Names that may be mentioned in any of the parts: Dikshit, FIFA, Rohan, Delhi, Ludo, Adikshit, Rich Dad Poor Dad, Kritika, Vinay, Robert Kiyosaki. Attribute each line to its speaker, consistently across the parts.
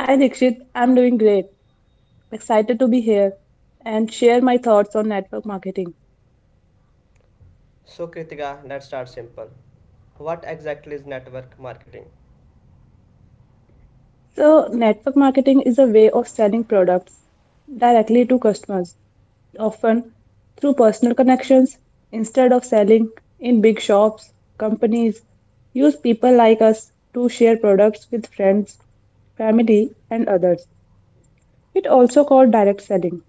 Speaker 1: Hi Dikshit, I'm doing great. Excited to be here and share my thoughts on network marketing.
Speaker 2: So Kritika, let's start simple. What exactly is network marketing?
Speaker 1: So, network marketing is a way of selling products directly to customers, often through personal connections instead of selling in big shops. Companies use people like us to share products with friends, family, and others. It also called direct selling.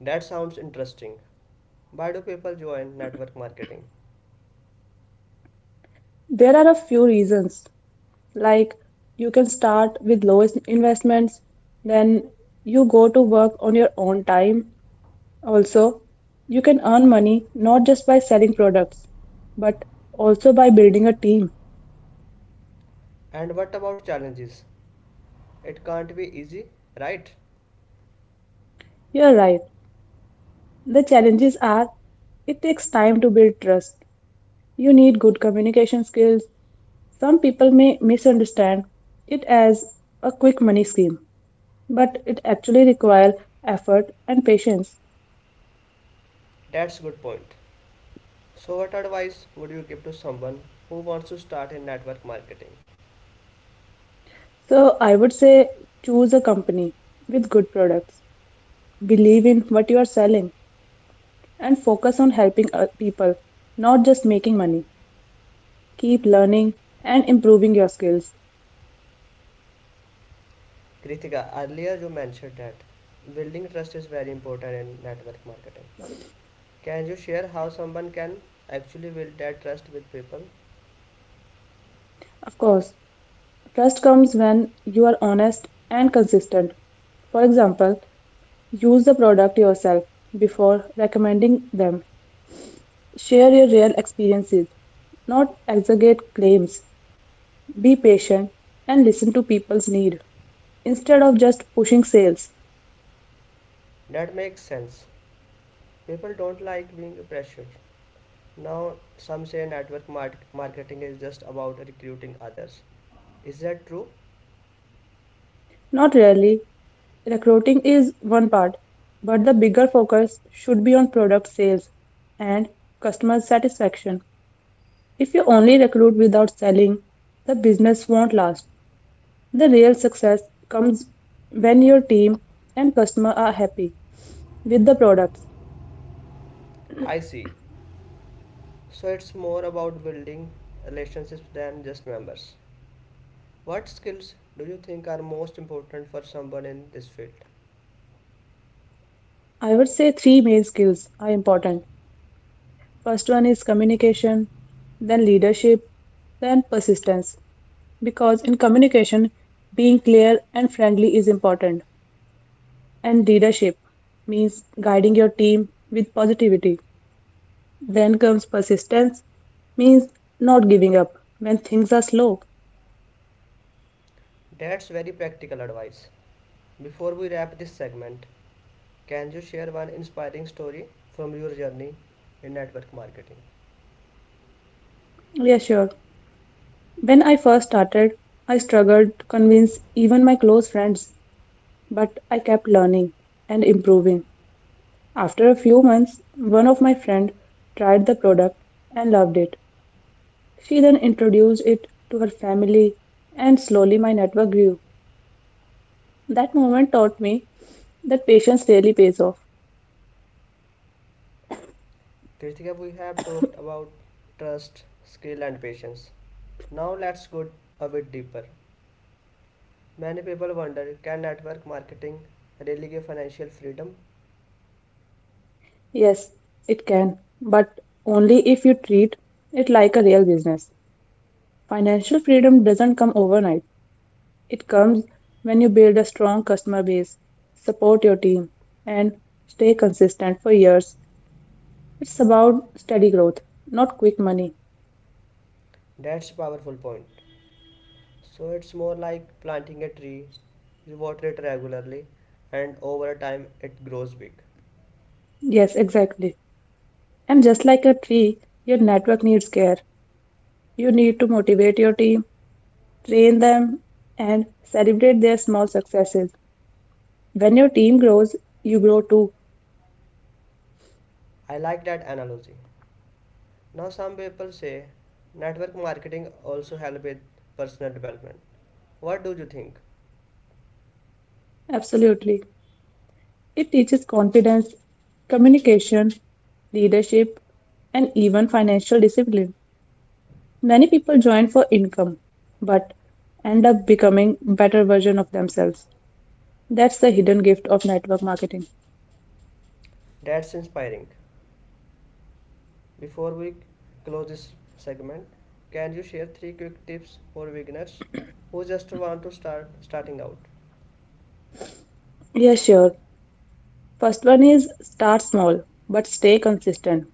Speaker 2: That sounds interesting. Why do people join network marketing?
Speaker 1: There are a few reasons. Like, you can start with investments, then you go to work on your own time. Also, you can earn money not just by selling products, but also by building a team.
Speaker 2: And what about challenges? It can't be easy, right?
Speaker 1: You're right. The challenges are it takes time to build trust. You need good communication skills. Some people may misunderstand it as a quick money scheme, but it actually requires effort and patience.
Speaker 2: That's good point. So, what advice would you give to someone who wants to start in network marketing?
Speaker 1: So I would say choose a company with good products, believe in what you are selling, and focus on helping people, not just making money. Keep learning and improving your skills.
Speaker 2: Kritika, earlier you mentioned that building trust is very important in network marketing. Can you share how someone can actually build that trust with people?
Speaker 1: Of course, trust comes when you are honest and consistent. For example, use the product yourself before recommending them. Share your real experiences, not exaggerate claims. Be patient and listen to people's need instead of just pushing sales.
Speaker 2: That makes sense. People don't like being pressured. Now, some say marketing is just about recruiting others. Is that true?
Speaker 1: Not really. Recruiting is one part, but the bigger focus should be on product sales and customer satisfaction. If you only recruit without selling, the business won't last. The real success comes when your team and customer are happy with the products.
Speaker 2: I see. So, it's more about building relationships than just members. What skills do you think are most important for someone in this field?
Speaker 1: I would say three main skills are important. First one is communication, then leadership, then persistence. Because in communication, being clear and friendly is important. And leadership means guiding your team with positivity. Then comes persistence, means not giving up when things are slow.
Speaker 2: That's very practical advice. Before we wrap this segment, can you share one inspiring story from your journey in network marketing?
Speaker 1: Yeah, sure. When I first started, I struggled to convince even my close friends, but I kept learning and improving. After a few months, one of my friend tried the product and loved it. She then introduced it to her family and slowly my network grew. That moment taught me that patience really pays off.
Speaker 2: Kritika, we have talked about trust, skill, and patience. Now let's go a bit deeper. Many people wonder, can network marketing really give financial freedom?
Speaker 1: Yes, it can, but only if you treat it like a real business. Financial freedom doesn't come overnight. It comes when you build a strong customer base, support your team, and stay consistent for years. It's about steady growth, not quick money.
Speaker 2: That's a powerful point. So it's more like planting a tree. You water it regularly, and over time it grows big.
Speaker 1: Yes, exactly. And just like a tree, your network needs care. You need to motivate your team, train them, and celebrate their small successes. When your team grows, you grow too.
Speaker 2: I like that analogy. Now, some people say network marketing also help with personal development. What do you think?
Speaker 1: Absolutely. It teaches confidence, communication, leadership, and even financial discipline. Many people join for income, but end up becoming better version of themselves. That's the hidden gift of network marketing.
Speaker 2: That's inspiring. Before we close this segment, can you share three quick tips for beginners who just want to start starting out?
Speaker 1: Yeah, sure. First one is start small but stay consistent.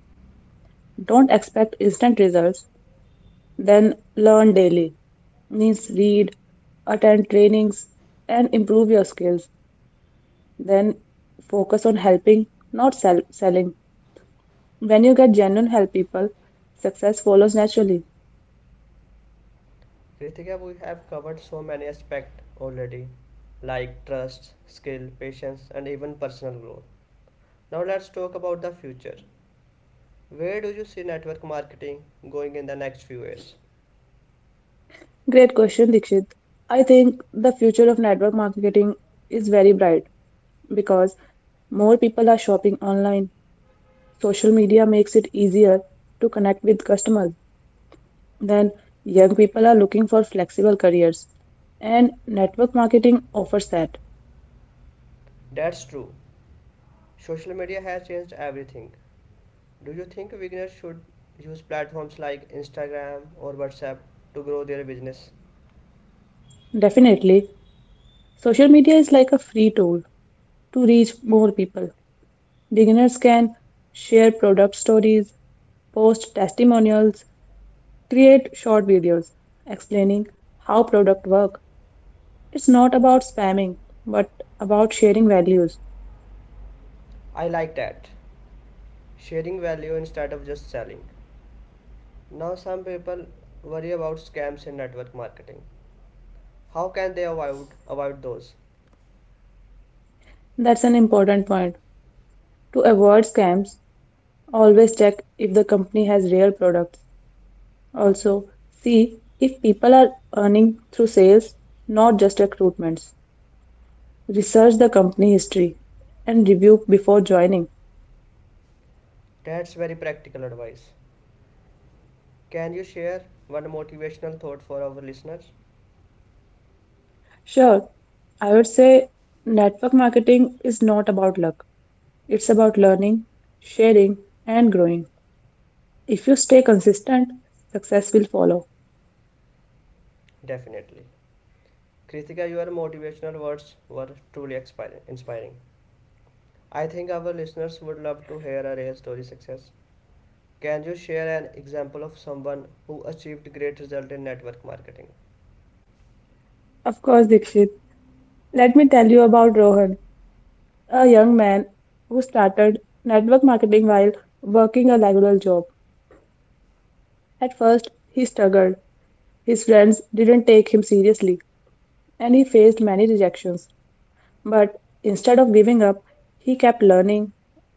Speaker 1: Don't expect instant results, then learn daily. Means read, attend trainings, and improve your skills. Then focus on helping, not selling. When you get genuine help people, success follows naturally.
Speaker 2: Kritika, we have covered so many aspects already, like trust, skill, patience, and even personal growth. Now let's talk about the future. Where do you see network marketing going in the next few years?
Speaker 1: Great question, Dikshit. I think the future of network marketing is very bright because more people are shopping online, social media makes it easier to connect with customers. Then, young people are looking for flexible careers, and network marketing offers that.
Speaker 2: That's true. Social media has changed everything. Do you think beginners should use platforms like Instagram or WhatsApp to grow their business?
Speaker 1: Definitely, social media is like a free tool to reach more people. Beginners can share product stories, post testimonials, create short videos explaining how product work. It's not about spamming, but about sharing values.
Speaker 2: I like that. Sharing value instead of just selling. Now some people worry about scams in network marketing. How can they avoid those?
Speaker 1: That's an important point. To avoid scams, always check if the company has real products. Also, see if people are earning through sales, not just recruitments. Research the company history and review before joining.
Speaker 2: That's very practical advice. Can you share one motivational thought for our listeners?
Speaker 1: Sure, I would say network marketing is not about luck, it's about learning, sharing, and growing. If you stay consistent, success will follow.
Speaker 2: Definitely. Kritika, your motivational words were truly inspiring. I think our listeners would love to hear a real story success. Can you share an example of someone who achieved great result in network marketing?
Speaker 1: Of course, Dikshit, let me tell you about Rohan, a young man who started network marketing while working a regular job. At first, he struggled. His friends didn't take him seriously, and he faced many rejections. But instead of giving up, he kept learning,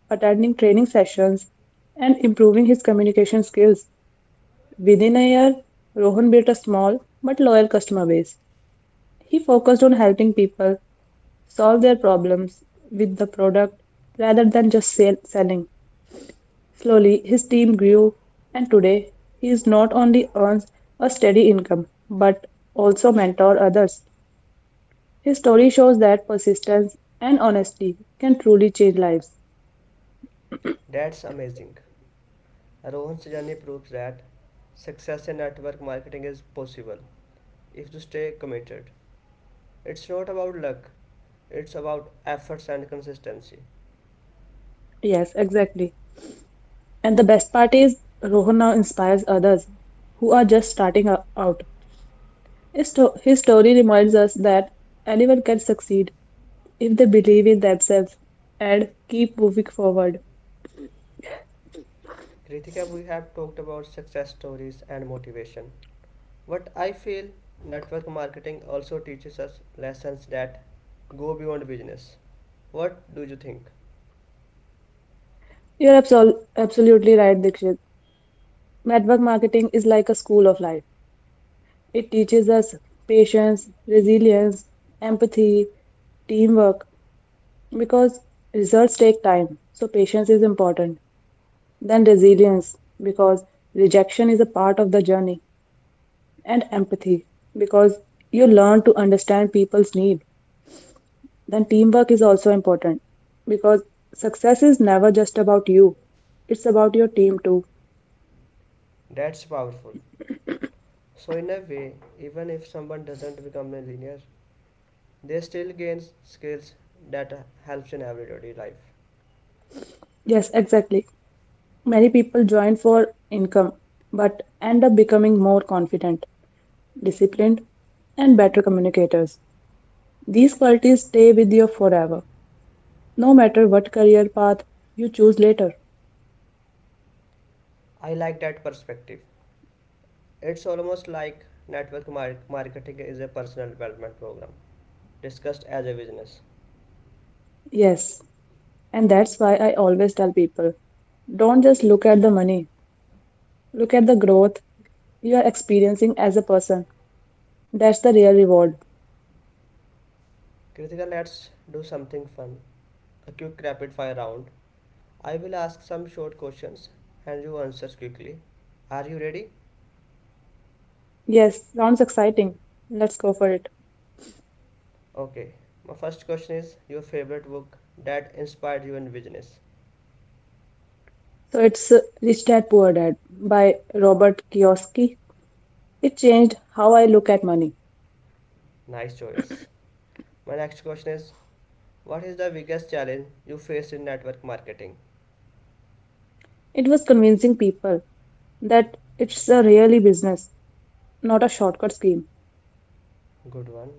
Speaker 1: attending training sessions, and improving his communication skills. Within a year, Rohan built a small but loyal customer base. He focused on helping people solve their problems with the product rather than just selling. Slowly, his team grew, and today he is not only earns a steady income but also mentor others. His story shows that persistence and honesty can truly change lives.
Speaker 2: That's amazing. Rohan's journey proves that success in network marketing is possible if you stay committed. It's not about luck, it's about efforts and consistency.
Speaker 1: Yes, exactly. And the best part is Rohan now inspires others who are just starting out. His story reminds us that anyone can succeed if they believe in themselves and keep moving forward.
Speaker 2: Kritika, we have talked about success stories and motivation. What I feel, network marketing also teaches us lessons that go beyond business. What do you think?
Speaker 1: You're absolutely right, Dikshit. Network marketing is like a school of life. It teaches us patience, resilience, empathy, teamwork, because results take time. So, patience is important. Then, resilience, because rejection is a part of the journey, and empathy, because you learn to understand people's need. Then, teamwork is also important because success is never just about you, it's about your team too.
Speaker 2: That's powerful. So, in a way, even if someone doesn't become a millionaire, they still gain skills that helps in everyday life.
Speaker 1: Yes, exactly. Many people join for income but end up becoming more confident, disciplined, and better communicators. These qualities stay with you forever, no matter what career path you choose later.
Speaker 2: I like that perspective. It's almost like marketing is a personal development program discussed as a business.
Speaker 1: Yes, and that's why I always tell people don't just look at the money, look at the growth you are experiencing as a person. That's the real reward.
Speaker 2: Kritika, let's do something fun. A quick rapid fire round. I will ask some short questions and you answer quickly. Are you ready?
Speaker 1: Yes, sounds exciting. Let's go for it.
Speaker 2: Okay. My first question is your favorite book that inspired you in business.
Speaker 1: So it's Rich Dad Poor Dad by Robert Kiyosaki. It changed how I look at money.
Speaker 2: Nice choice. My next question is, what is the biggest challenge you faced in network marketing?
Speaker 1: It was convincing people that it's a really business, not a shortcut scheme.
Speaker 2: Good one.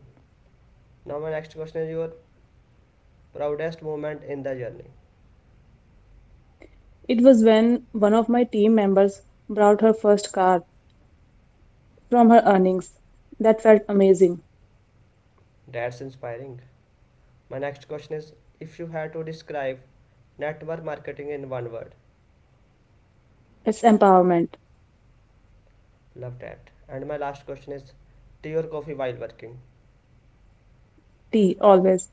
Speaker 2: Now my next question is your proudest moment in the journey.
Speaker 1: It was when one of my team members bought her first car from her earnings. That felt amazing.
Speaker 2: That's inspiring. My next question is, if you had to describe network marketing in one word,
Speaker 1: It's empowerment.
Speaker 2: love that. And my last question is, tea or coffee while working?
Speaker 1: Tea, always.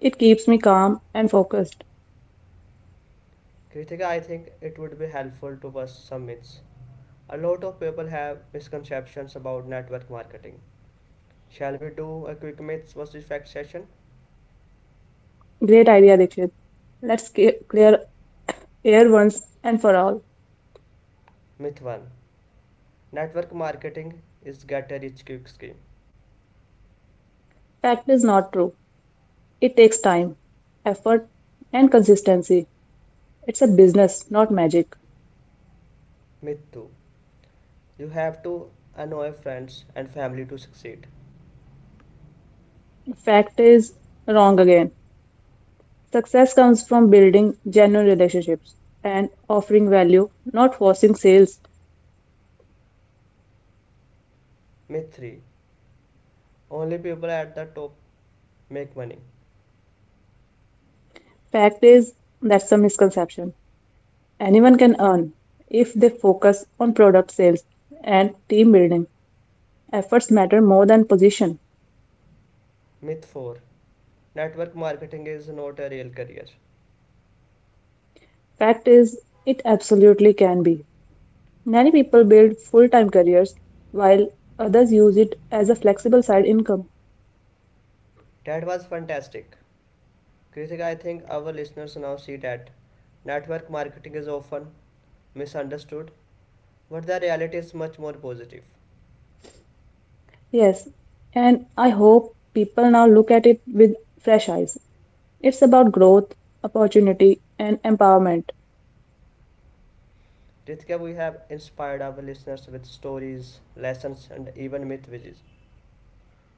Speaker 1: It keeps me calm and focused.
Speaker 2: Kritika, I think it would be helpful to bust some myths. A lot of people have misconceptions about network marketing. Shall we do a quick myths versus fact session?
Speaker 1: Great idea, Dikshit. Let's clear air once and for all.
Speaker 2: Myth 1. Network marketing is get a rich quick scheme.
Speaker 1: Fact is not true. It takes time, effort, and consistency. It's a business, not magic.
Speaker 2: Myth 2. You have to annoy friends and family to succeed.
Speaker 1: Fact is wrong again. Success comes from building genuine relationships and offering value, not forcing sales.
Speaker 2: Myth 3. Only people at the top make money.
Speaker 1: Fact is that's a misconception. Anyone can earn if they focus on product sales and team building. Efforts matter more than position.
Speaker 2: Myth 4. Network marketing is not a real career.
Speaker 1: Fact is it absolutely can be. Many people build full time careers while others use it as a flexible side income.
Speaker 2: That was fantastic. Kritika, I think our listeners now see that network marketing is often misunderstood, but the reality is much more positive.
Speaker 1: Yes, and I hope people now look at it with fresh eyes. It's about growth, opportunity, and empowerment.
Speaker 2: Kritika, we have inspired our listeners with stories, lessons, and even myth which,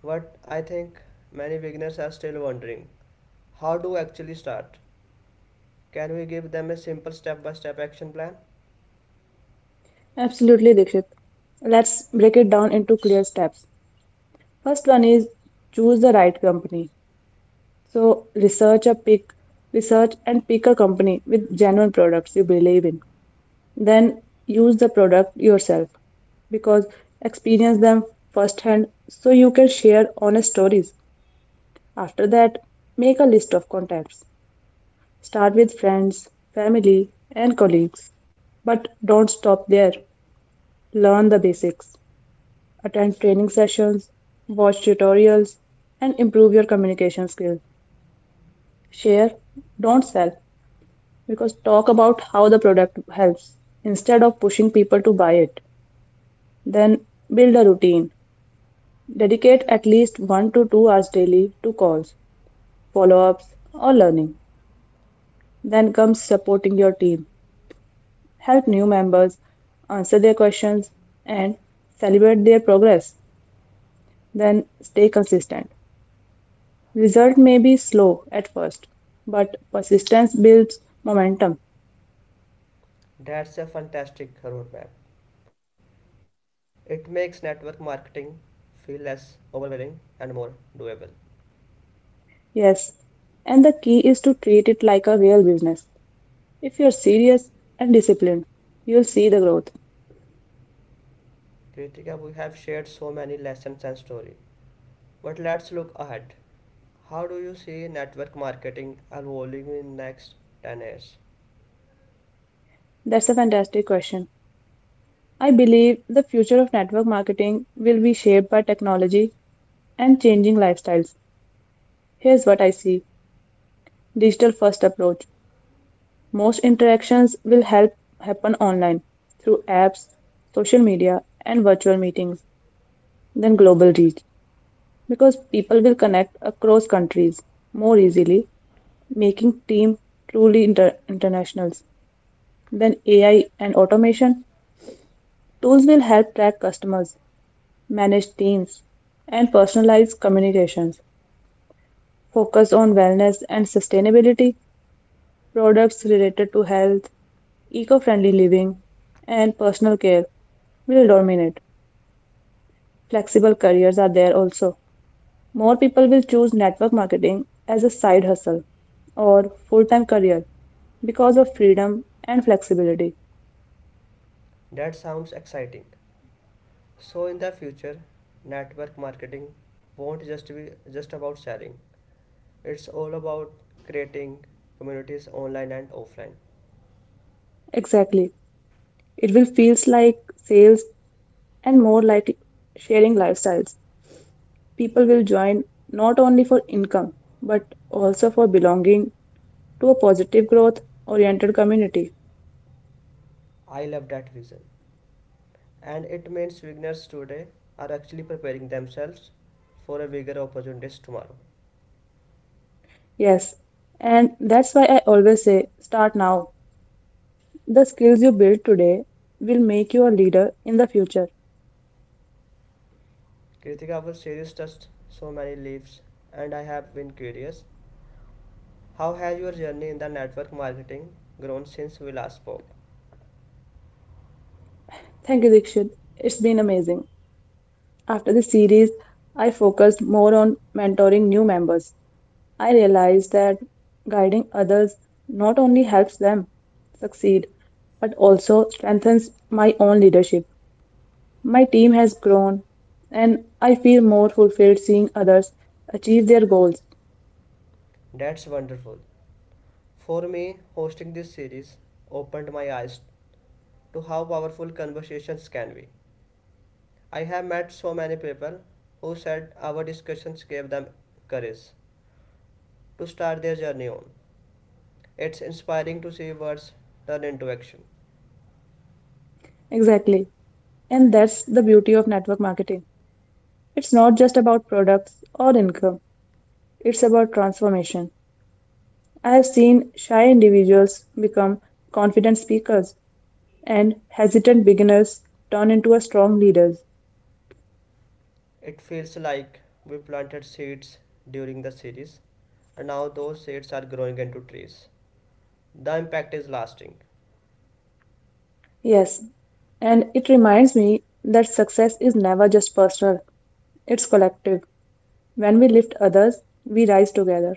Speaker 2: but I think many beginners are still wondering, how do we actually start? Can we give them a simple step by step action plan?
Speaker 1: Absolutely, Dikshit. Let's break it down into clear steps. First one is choose the right company. So research and pick a company with genuine products you believe in. Then use the product yourself because experience them firsthand so you can share honest stories. After that, make a list of contacts. Start with friends, family, and colleagues. But don't stop there. Learn the basics. Attend training sessions, watch tutorials, and improve your communication skills. Share, don't sell, because talk about how the product helps instead of pushing people to buy it. Then build a routine. Dedicate at least 1 to 2 hours daily to calls, follow ups, or learning. Then comes supporting your team. Help new members answer their questions and celebrate their progress, then stay consistent. Result may be slow at first, but persistence builds momentum.
Speaker 2: That's a fantastic roadmap. It makes network marketing feel less overwhelming and more doable.
Speaker 1: Yes, and the key is to treat it like a real business. If you're serious and disciplined, you'll see the growth.
Speaker 2: Kritika, we have shared so many lessons and stories, but let's look ahead. How do you see network marketing evolving in next 10 years?
Speaker 1: That's a fantastic question. I believe the future of network marketing will be shaped by technology and changing lifestyles. Here's what I see: digital first approach, most interactions will help happen online through apps, social media, and virtual meetings, than global reach because people will connect across countries more easily, making team truly internationals. Then AI and automation tools will help track customers, manage teams, and personalize communications, focus on wellness and sustainability, products related to health, eco friendly living, and personal care will dominate. Flexible careers are there also. More people will choose network marketing as a side hustle or full time career because of freedom and flexibility.
Speaker 2: That sounds exciting. So in the future, network marketing won't just be just about selling. It's all about creating communities online and offline.
Speaker 1: Exactly. It will feels like sales and more like sharing lifestyles. People will join not only for income but also for belonging to a positive growth oriented community.
Speaker 2: I love that vision. And it means beginners today are actually preparing themselves for a bigger opportunities tomorrow.
Speaker 1: Yes, and that's why I always say start now. The skills you build today will make you a leader in the future.
Speaker 2: Kritika, our series touched so many leaves, and I have been curious. How has your journey in the network marketing grown since we last spoke?
Speaker 1: Thank you, Dikshit. It's been amazing. After the series, I focused more on mentoring new members. I realized that guiding others not only helps them succeed, but also strengthens my own leadership. My team has grown, and I feel more fulfilled seeing others achieve their goals.
Speaker 2: That's wonderful. For me, hosting this series opened my eyes to how powerful conversations can be. I have met so many people who said our discussions gave them courage to start their journey on. It's inspiring to see words turn into action.
Speaker 1: Exactly. And that's the beauty of network marketing. It's not just about products or income, it's about transformation. I have seen shy individuals become confident speakers and hesitant beginners turn into a strong leaders.
Speaker 2: It feels like we planted seeds during the series, and now those seeds are growing into trees. The impact is lasting.
Speaker 1: Yes, and it reminds me that success is never just personal, it's collective. When we lift others, we rise together.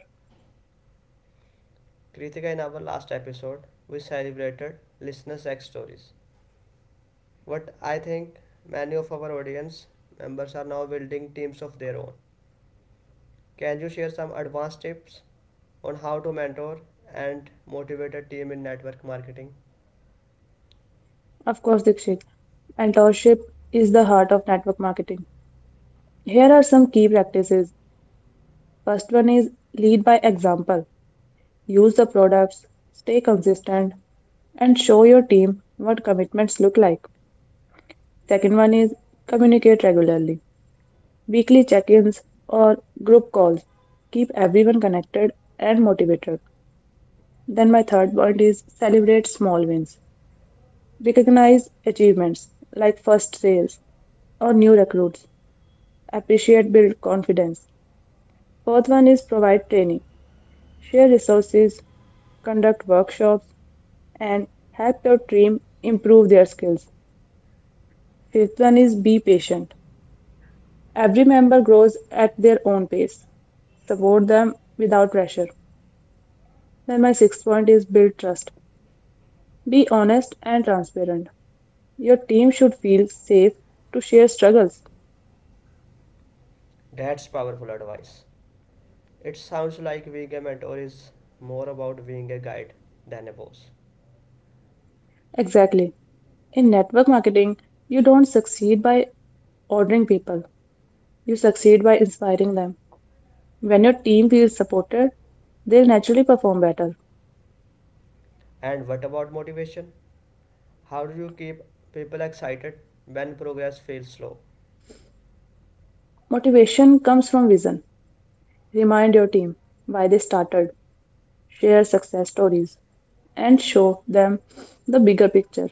Speaker 2: Kritika, in our last episode, we celebrated listener sex stories. But I think many of our audience members are now building teams of their own. Can you share some advanced tips on how to mentor and motivate a team in network marketing?
Speaker 1: Of course, Dikshit, mentorship is the heart of network marketing. Here are some key practices. First one is lead by example. Use the products, stay consistent, and show your team what commitments look like. Second one is communicate regularly. Weekly check ins or group calls. Keep everyone connected and motivated. Then, my third point is celebrate small wins. Recognize achievements like first sales or new recruits. Appreciate build confidence. Fourth one is provide training. Share resources, conduct workshops, and help your team improve their skills. Fifth one is be patient. Every member grows at their own pace. Support them without pressure. Then, my sixth point is build trust. Be honest and transparent. Your team should feel safe to share struggles.
Speaker 2: That's powerful advice. It sounds like being a mentor is more about being a guide than a boss.
Speaker 1: Exactly. In network marketing, you don't succeed by ordering people, you succeed by inspiring them. When your team feels supported, they'll naturally perform better.
Speaker 2: And what about motivation? How do you keep people excited when progress feels slow?
Speaker 1: Motivation comes from vision. Remind your team why they started, share success stories, and show them the bigger picture.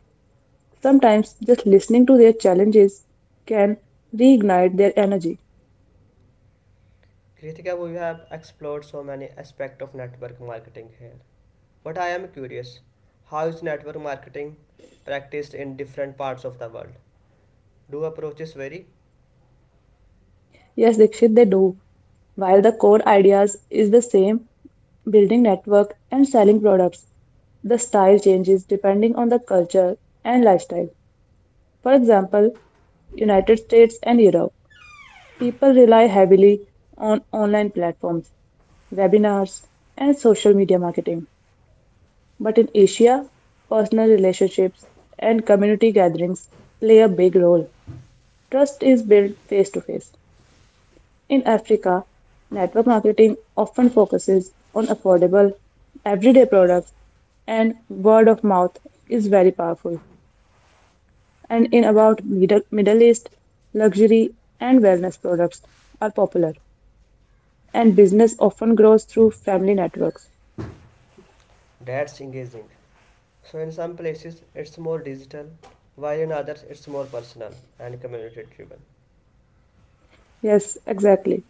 Speaker 1: Sometimes just listening to their challenges can reignite their energy.
Speaker 2: Kritika, we have explored so many aspects of network marketing here. But I am curious, how is network marketing practiced in different parts of the world? Do approaches vary?
Speaker 1: Yes, Dikshit, they do. While the core ideas is the same, building network and selling products, the style changes depending on the culture and lifestyle. For example, United States and Europe. People rely heavily on online platforms, webinars, and social media marketing. But in Asia, personal relationships and community gatherings play a big role. Trust is built face to face. In Africa, network marketing often focuses on affordable, everyday products, and word of mouth is very powerful. And in about Middle East, luxury and wellness products are popular. And business often grows through family networks.
Speaker 2: That's engaging. So in some places it's more digital, while in others it's more personal and community driven.
Speaker 1: Yes, exactly.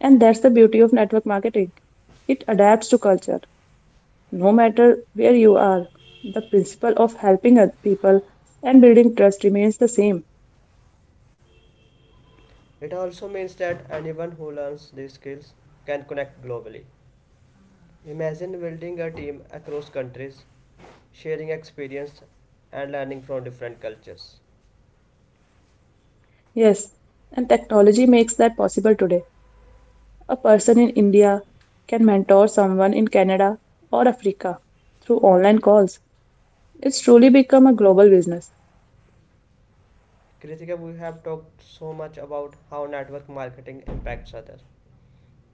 Speaker 1: And that's the beauty of network marketing. It adapts to culture. No matter where you are, the principle of helping other people and building trust remains the same.
Speaker 2: It also means that anyone who learns these skills can connect globally. Imagine building a team across countries, sharing experience and learning from different cultures.
Speaker 1: Yes, and technology makes that possible today. A person in India can mentor someone in Canada or Africa through online calls. It's truly become a global business.
Speaker 2: Kritika, we have talked so much about how network marketing impacts others.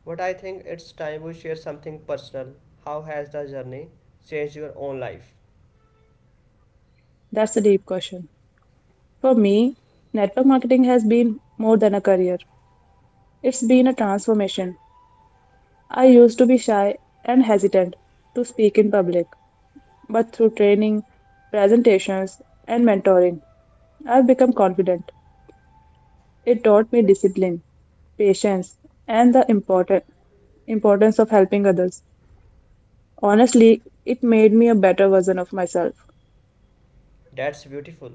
Speaker 2: But I think it's time we share something personal. How has the journey changed your own life?
Speaker 1: That's a deep question. For me, network marketing has been more than a career. It's been a transformation. I used to be shy and hesitant to speak in public, but through training, presentations, and mentoring, I've become confident. It taught me discipline, patience, and the importance of helping others. Honestly, it made me a better version of myself.
Speaker 2: That's beautiful.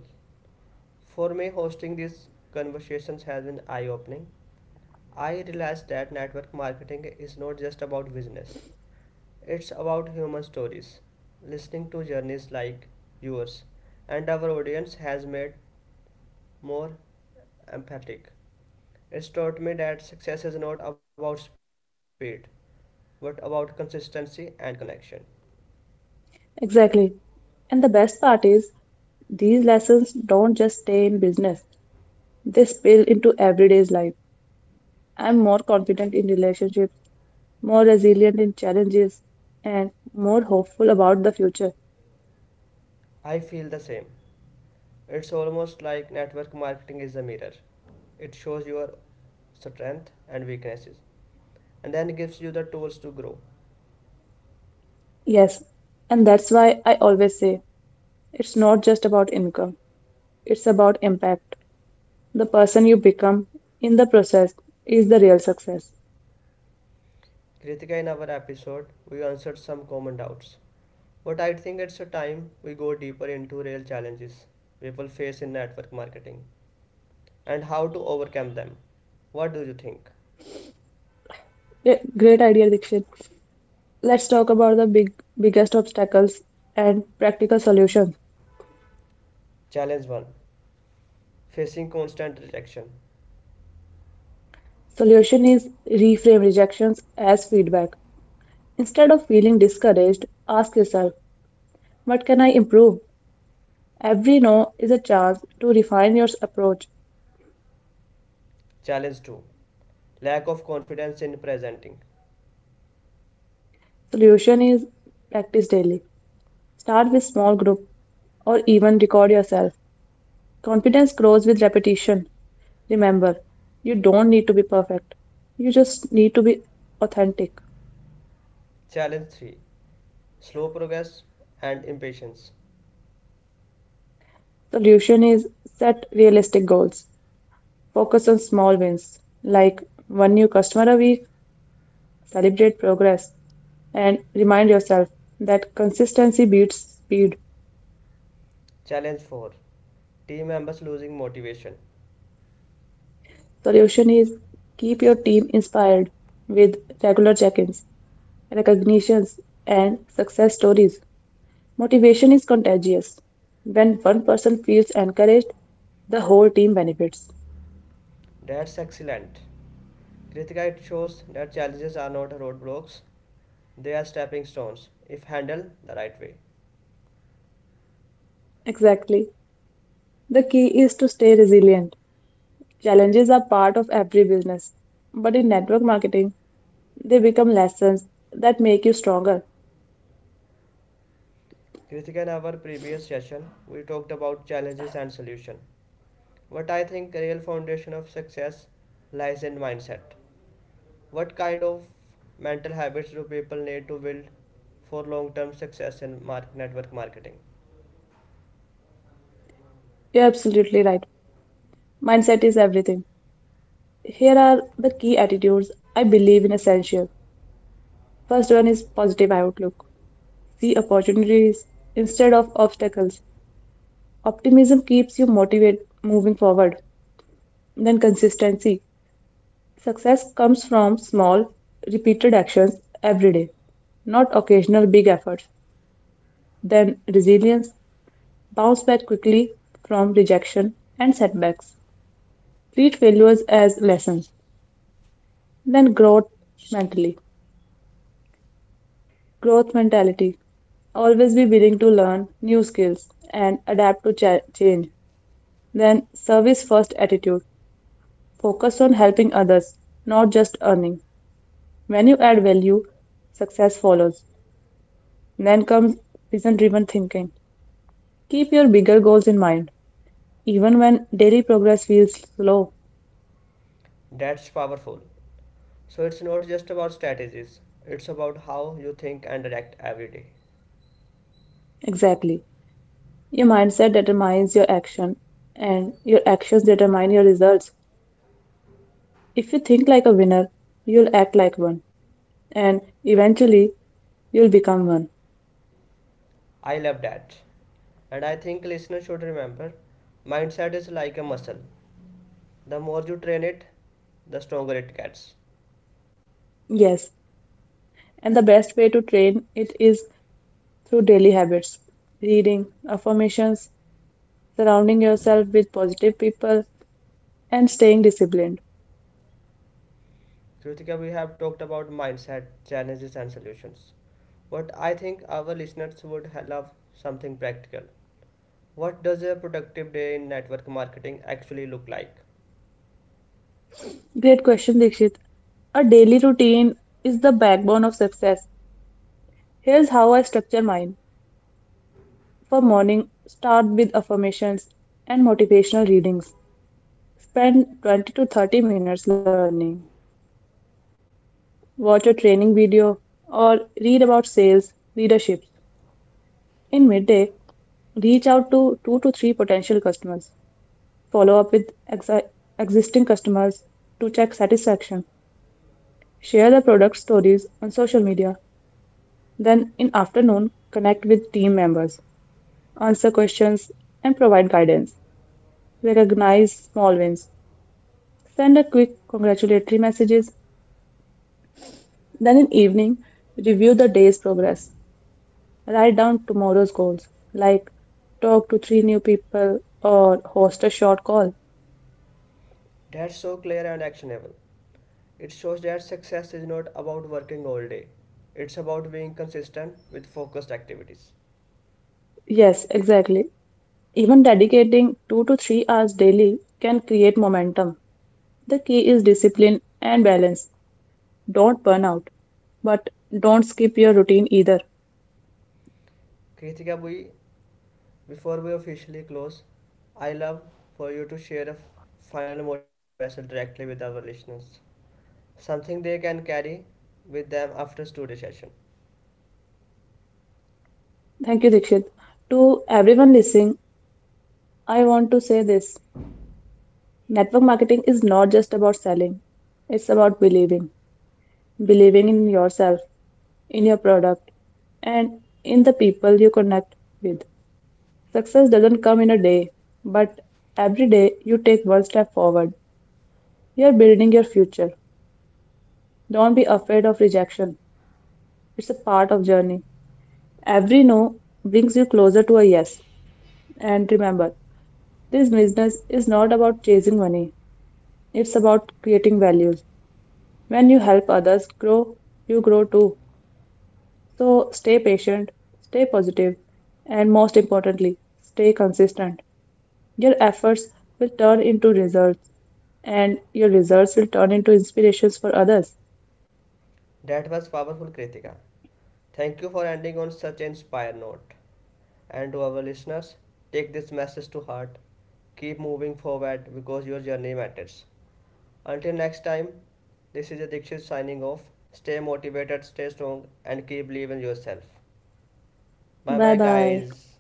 Speaker 2: For me, hosting these conversations has been eye opening. I realized that network marketing is not just about business, it's about human stories. Listening to journeys like yours and our audience has made more empathic. It's taught me that success is not about speed, but about consistency and connection.
Speaker 1: Exactly. And the best part is, these lessons don't just stay in business, they spill into everyday's life. I'm more confident in relationships, more resilient in challenges, and more hopeful about the future.
Speaker 2: I feel the same. It's almost like network marketing is a mirror. It shows your strength and weaknesses and then gives you the tools to grow.
Speaker 1: Yes, and that's why I always say it's not just about income, it's about impact. The person you become in the process is the real success.
Speaker 2: Kritika, in our episode, we answered some common doubts. But I think it's a time we go deeper into real challenges people face in network marketing and how to overcome them. What do you think?
Speaker 1: Great idea, Dikshit. Let's talk about the biggest obstacles and practical solutions.
Speaker 2: Challenge 1. Facing constant rejection.
Speaker 1: Solution is reframe rejections as feedback. Instead of feeling discouraged, ask yourself, what can I improve? Every no is a chance to refine your approach.
Speaker 2: Challenge 2. Lack of confidence in presenting.
Speaker 1: Solution is practice daily. Start with small group or even record yourself. Confidence grows with repetition. Remember, you don't need to be perfect. You just need to be authentic.
Speaker 2: Challenge 3. Slow progress and impatience.
Speaker 1: Solution is set realistic goals. Focus on small wins like one new customer a week, celebrate progress, and remind yourself that consistency beats speed.
Speaker 2: Challenge 4. Team members losing motivation.
Speaker 1: Solution is keep your team inspired with regular check ins, recognitions, and success stories. Motivation is contagious. When one person feels encouraged, the whole team benefits.
Speaker 2: That's excellent. Kritika, it shows that challenges are not roadblocks, they are stepping stones, if handled the right way.
Speaker 1: Exactly. The key is to stay resilient. Challenges are part of every business, but in network marketing, they become lessons that make you stronger.
Speaker 2: Kritika, in our previous session, we talked about challenges and solution. But I think real foundation of success lies in mindset. What kind of mental habits do people need to build for long-term success in network marketing?
Speaker 1: You're absolutely right. Mindset is everything. Here are the key attitudes I believe in essential. First one is positive outlook. See opportunities instead of obstacles. Optimism keeps you motivated moving forward. Then consistency. Success comes from small, repeated actions every day, not occasional big efforts. Then resilience. Bounce back quickly from rejection and setbacks. Treat failures as lessons. Then growth mentally. Growth mentality. Always be willing to learn new skills and adapt to change. Then, service first attitude. Focus on helping others, not just earning. When you add value, success follows. Then comes vision driven thinking. Keep your bigger goals in mind, even when daily progress feels slow.
Speaker 2: That's powerful. So it's not just about strategies, it's about how you think and act every day.
Speaker 1: Exactly. Your mindset determines your action, and your actions determine your results. If you think like a winner, you'll act like one. And eventually you'll become one.
Speaker 2: I love that. And I think listeners should remember, mindset is like a muscle. The more you train it, the stronger it gets.
Speaker 1: Yes, and the best way to train it is through daily habits reading, affirmations, surrounding yourself with positive people, and staying disciplined.
Speaker 2: Kritika, we have talked about mindset, challenges, and solutions. But I think our listeners would love something practical. What does a productive day in network marketing actually look like?
Speaker 1: Great question, Dikshit. A daily routine is the backbone of success. Here's how I structure mine. For morning, start with affirmations and motivational readings. Spend 20 to 30 minutes learning. Watch a training video or read about sales, leadership. In midday, reach out to two to three potential customers, follow up with exi- existing customers to check satisfaction, share the product stories on social media. Then, in afternoon, connect with team members, answer questions, and provide guidance. Recognize small wins, send a quick congratulatory messages. Then, in evening, review the day's progress, write down tomorrow's goals, like talk to three new people or host a short call.
Speaker 2: That's so clear and actionable. It shows that success is not about working all day, it's about being consistent with focused activities.
Speaker 1: Yes, exactly. Even dedicating 2 to 3 hours daily can create momentum. The key is discipline and balance. Don't burn out, but don't skip your routine either.
Speaker 2: Kritika, we before we officially close, I love for you to share a final motivation message directly with our listeners. Something they can carry with them after today's session.
Speaker 1: Thank you, Dikshit. To everyone listening, I want to say this network marketing is not just about selling, it's about believing, believing in yourself, in your product, and in the people you connect with. Success doesn't come in a day, but every day you take one step forward. You're building your future. Don't be afraid of rejection. It's a part of journey. Every no brings you closer to a yes. And remember, this business is not about chasing money. It's about creating values. When you help others grow, you grow too. So stay patient, stay positive, and most importantly, stay consistent. Your efforts will turn into results, and your results will turn into inspirations for others.
Speaker 2: That was powerful, Kritika. Thank you for ending on such an inspired note. And to our listeners, take this message to heart. Keep moving forward because your journey matters. Until next time, this is Adikshit signing off. Stay motivated, stay strong, and keep believing in yourself. Bye
Speaker 1: Bye
Speaker 2: bye,
Speaker 1: bye.
Speaker 2: guys.